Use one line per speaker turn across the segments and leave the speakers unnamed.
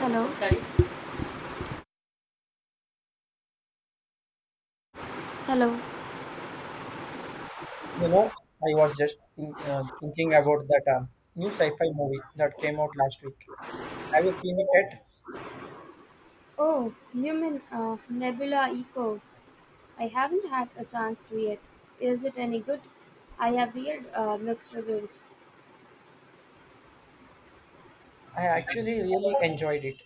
Hello. Hello.
You know, I was just thinking about that new sci-fi movie that came out last week. Have you seen it yet?
Oh, you mean Nebula Echo? I haven't had a chance to yet. Is it any good? I have weird mixed reviews.
I actually really enjoyed it.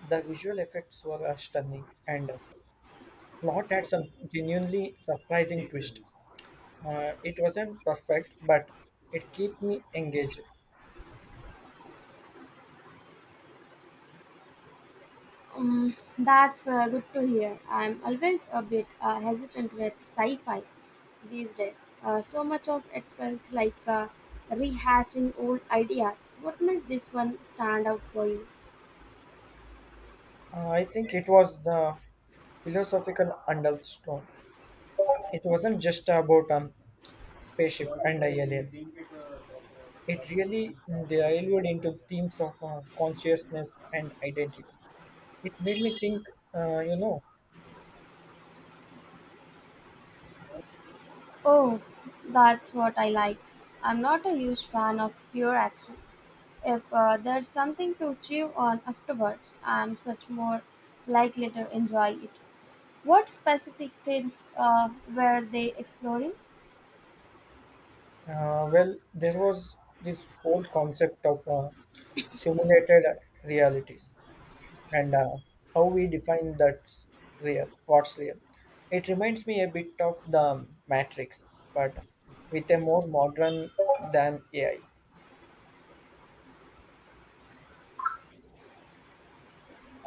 The visual effects were stunning, and plot had some genuinely surprising twist. It wasn't perfect, but it kept me engaged.
That's good to hear. I'm always a bit hesitant with sci-fi these days. So much of it feels like rehashing old ideas. What made this one stand out for you?
I think it was the philosophical undertone. It wasn't just about Spaceship and Aliens. It really delved into themes of consciousness and identity. It made me think, uh, you know,
Oh, that's what I like. I'm not a huge fan of pure action. If there's something to chew on afterwards, I'm much more likely to enjoy it. What specific themes were they exploring?
well, there was this whole concept of simulated realities and how we define that's real, what's real. It reminds me a bit of the Matrix, but with a more modern than AI.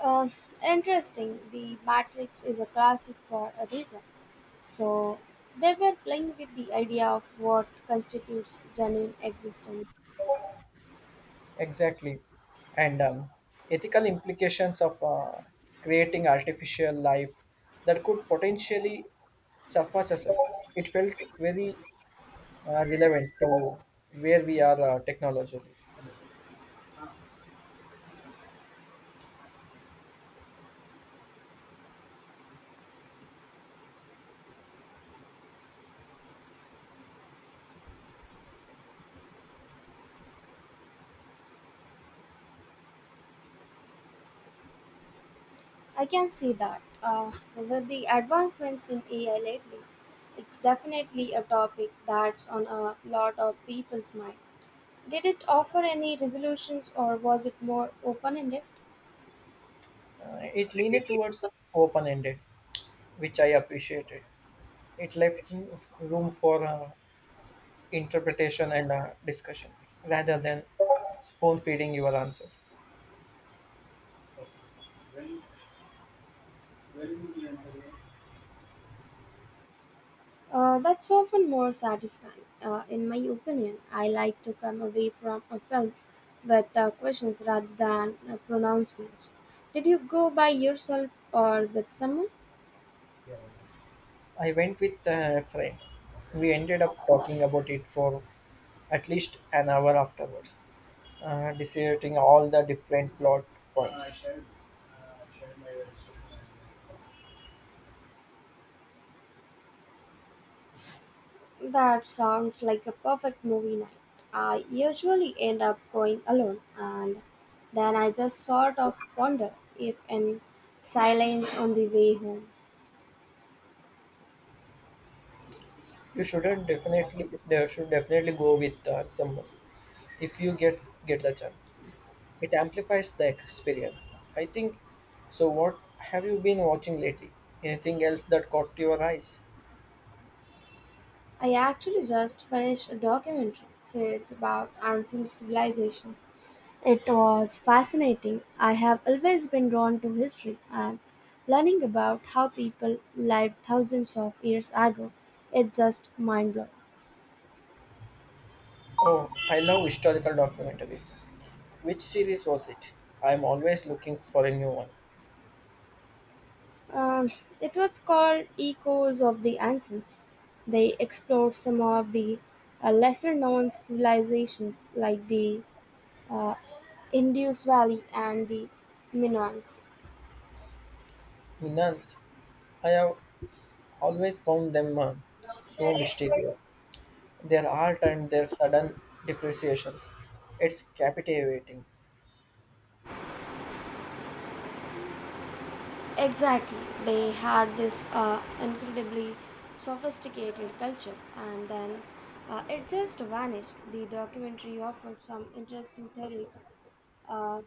Uh, interesting. The Matrix is a classic for a reason. So they were playing with the idea of what constitutes genuine existence.
Exactly. And ethical implications of creating artificial life that could potentially surpass us. It felt very relevant to where we are technologically.
I can see that. With the advancements in AI lately, it's definitely a topic that's on a lot of people's mind. Did it offer any resolutions or was it more open ended?
It leaned towards open ended, which I appreciated. It left room for interpretation and discussion rather than spoon feeding your answers.
That's often more satisfying. In my opinion, I like to come away from a film with questions rather than pronouncements. Did you go by yourself or with someone?
I went with a friend. We ended up talking about it for at least an hour afterwards, dissecting all the different plot points.
That sounds like a perfect movie night. I usually end up going alone and then I just sort of ponder if in silence on the way home.
You shouldn't definitely you should definitely go with someone if you get the chance. It amplifies the experience. I think. So what have you been watching lately? Anything else that caught your eyes?
I actually just finished a documentary series about ancient civilizations. It was fascinating. I have always been drawn to history and learning about how people lived thousands of years ago. It's just mind blowing.
Oh, I love historical documentaries. Which series was it? I am always looking for a new one.
Um, it was called Echoes of the Ancients. They explored some of the lesser known civilizations like the uh, Indus Valley and the Minoans.
Minans, I have always found them so mysterious. Their art and their sudden depreciation. It's captivating.
Exactly. They had this incredibly sophisticated culture, and then it just vanished. The documentary offered some interesting theories, uh,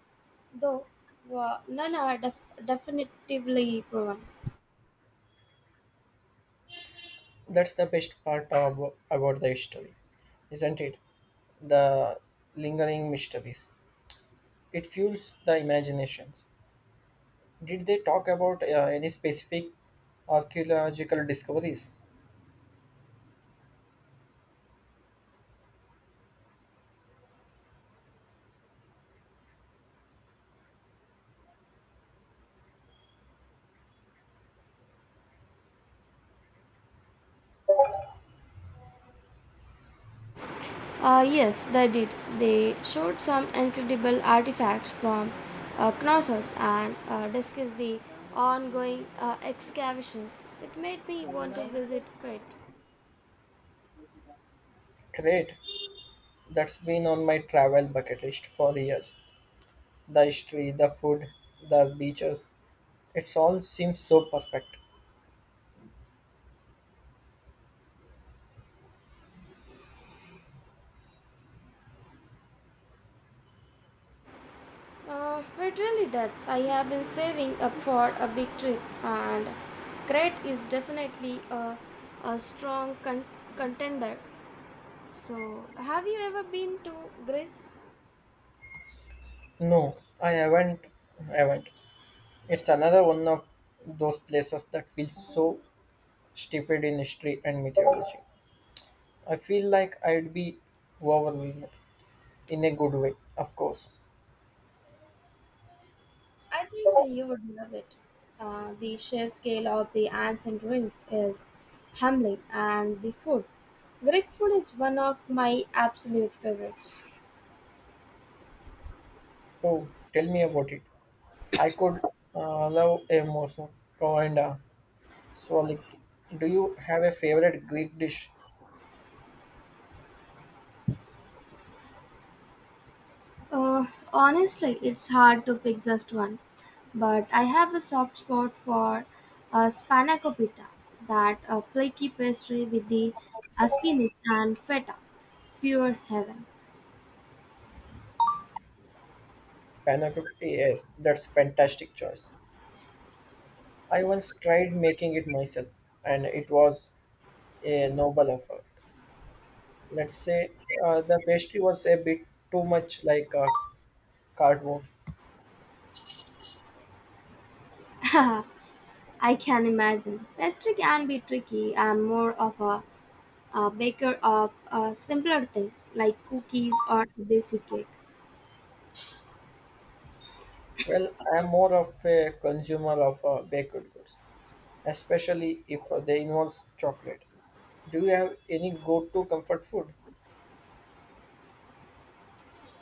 though none are definitively proven.
That's the best part about the history, isn't it? The lingering mysteries. It fuels the imaginations. Did they talk about any specific archaeological discoveries?
Yes, they did. They showed some incredible artifacts from Knossos and discussed the ongoing excavations. It made me want to visit Crete.
Great. That's been on my travel bucket list for years. The history, the food, the beaches. It's all seems so perfect.
It really does. I have been saving up for a big trip, and Crete is definitely a strong contender. So, have you ever been to Greece?
No, I haven't. Haven't. It's another one of those places that feels so stupid in history and mythology. I feel like I'd be overwhelmed in a good way, of course.
I think you would love it. The sheer scale of the ancient ruins is humbling, and the food. Greek food is one of my absolute favorites.
Oh, tell me about it. I could love a mozo and a souvlaki. Do you have a favorite Greek dish?
Uh, honestly, it's hard to pick just one, but I have a soft spot for spanakopita, that flaky pastry with the spinach and feta. Pure heaven.
Spanakopita. Yes, that's fantastic choice. I once tried making it myself, and it was a noble effort. Let's say the pastry was a bit too much like cardboard.
I can imagine. Pastry can be tricky. I'm more of a baker of a simpler things like cookies or basic cake.
Well, I am more of a consumer of baked goods, especially if they involve chocolate. Do you have any go-to comfort food?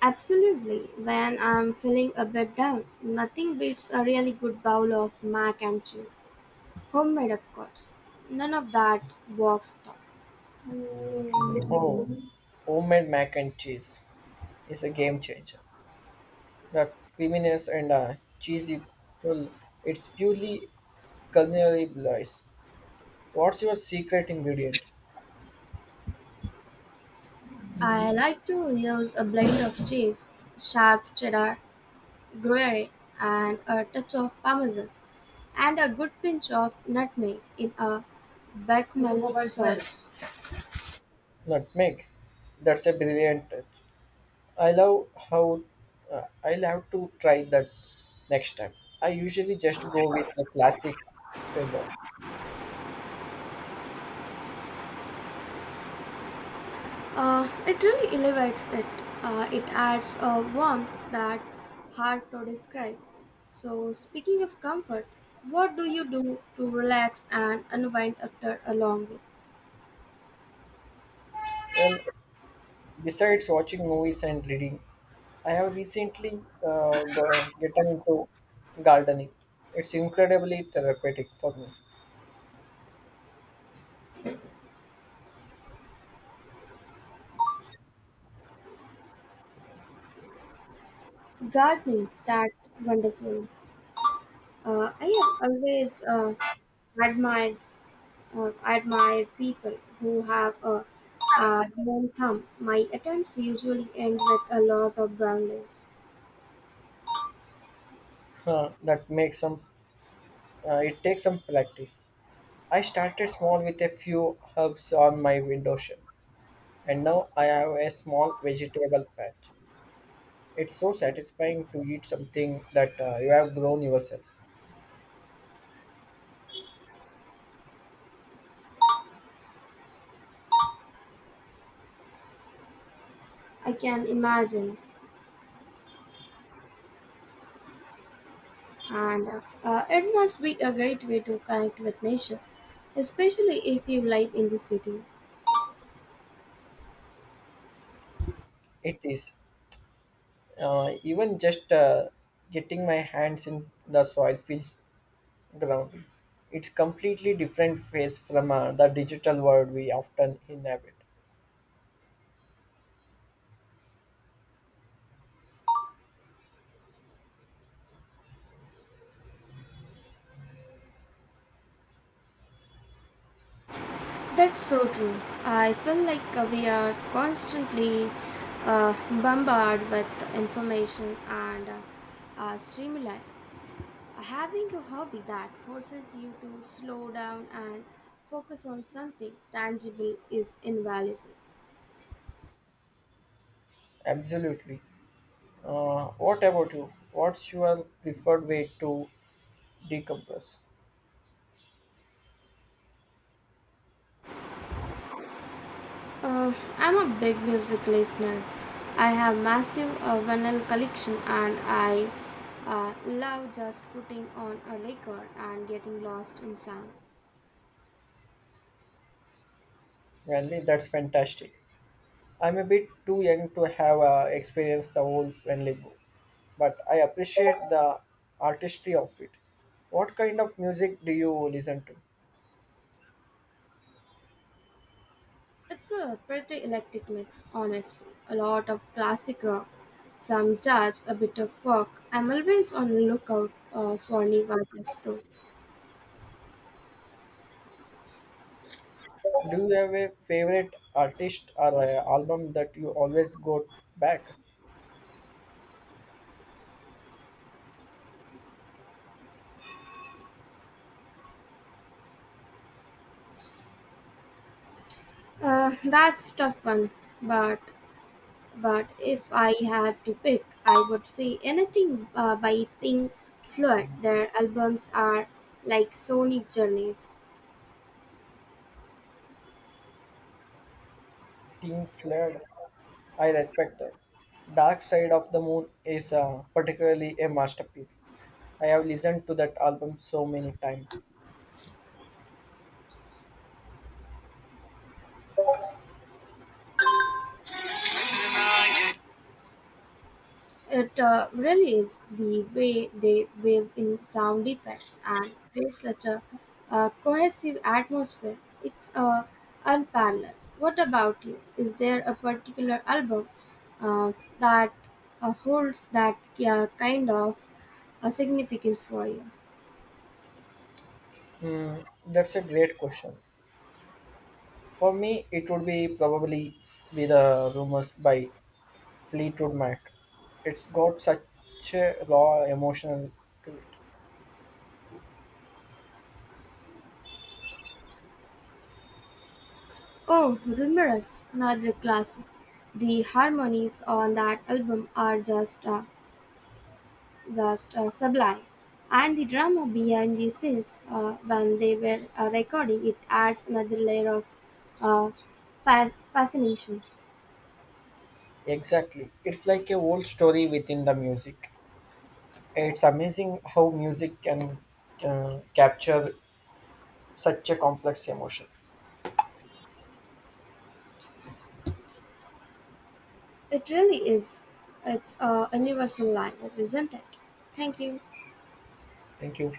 Absolutely. When I'm feeling a bit down, nothing beats a really good bowl of mac and cheese. Homemade, of course. None of that box stuff.
Oh, homemade mac and cheese is a game changer. The creaminess and cheesy pull, it's purely culinary bliss. What's your secret ingredient?
I like to use a blend of cheese, sharp cheddar, gruyere, and a touch of parmesan, and a good pinch of nutmeg in a bechamel sauce.
Nutmeg. That's a brilliant touch. I love how I'll have to try that next time. I usually just go with the classic cheddar.
It really elevates it. It adds a warmth that hard to describe. So, speaking of comfort, what do you do to relax and unwind after a long week?
Well, besides watching movies and reading, I have recently gotten into gardening. It's incredibly therapeutic for me.
Gardening, that's wonderful. I have always admired admired people who have a brown thumb. My attempts usually end with a lot of brown leaves.
Huh, that makes some. It takes some practice. I started small with a few herbs on my windowsill, and now I have a small vegetable patch. It's so satisfying to eat something that you have grown yourself.
I can imagine, and it must be a great way to connect with nature, especially if you live in the city.
It is. Even just getting my hands in the soil feels grounding. It's completely different face from the digital world we often inhabit.
That's so true. I feel like we are constantly uh, bombarded with information and stimuli. Having a hobby that forces you to slow down and focus on something tangible is invaluable.
Absolutely. What about you? What's your preferred way to decompress?
I'm a big music listener. I have massive vinyl collection and I love just putting on a record and getting lost in sound.
Well, that's fantastic. I'm a bit too young to have experienced the old Venlebo, but I appreciate the artistry of it. What kind of music do you listen to?
It's a pretty eclectic mix, honestly. A lot of classic rock, some jazz, a bit of folk. I'm always on the lookout for new artists though.
Do you have a favorite artist or album that you always go back?
That's tough one, but if I had to pick, I would say anything by Pink Floyd. Their albums are like sonic journeys.
Pink Floyd, I respect that. Dark Side of the Moon is particularly a masterpiece. I have listened to that album so many times.
It really is the way they weave in sound effects and create such cohesive atmosphere. It's unparalleled. What about you? Is there a particular album uh, that holds that kind of significance for you?
Hmm, that's a great question. For me, it would be probably be the rumors by Fleetwood Mac. It's got such a raw emotional to it.
Oh, Rumorous, another classic. The harmonies on that album are just was sublime. And the drama behind the scenes when they were recording it adds another layer of uh, fascination.
Exactly. It's like a whole story within the music. It's amazing how music can capture such a complex emotion.
It really is. It's a universal language, isn't it? Thank you.
Thank you.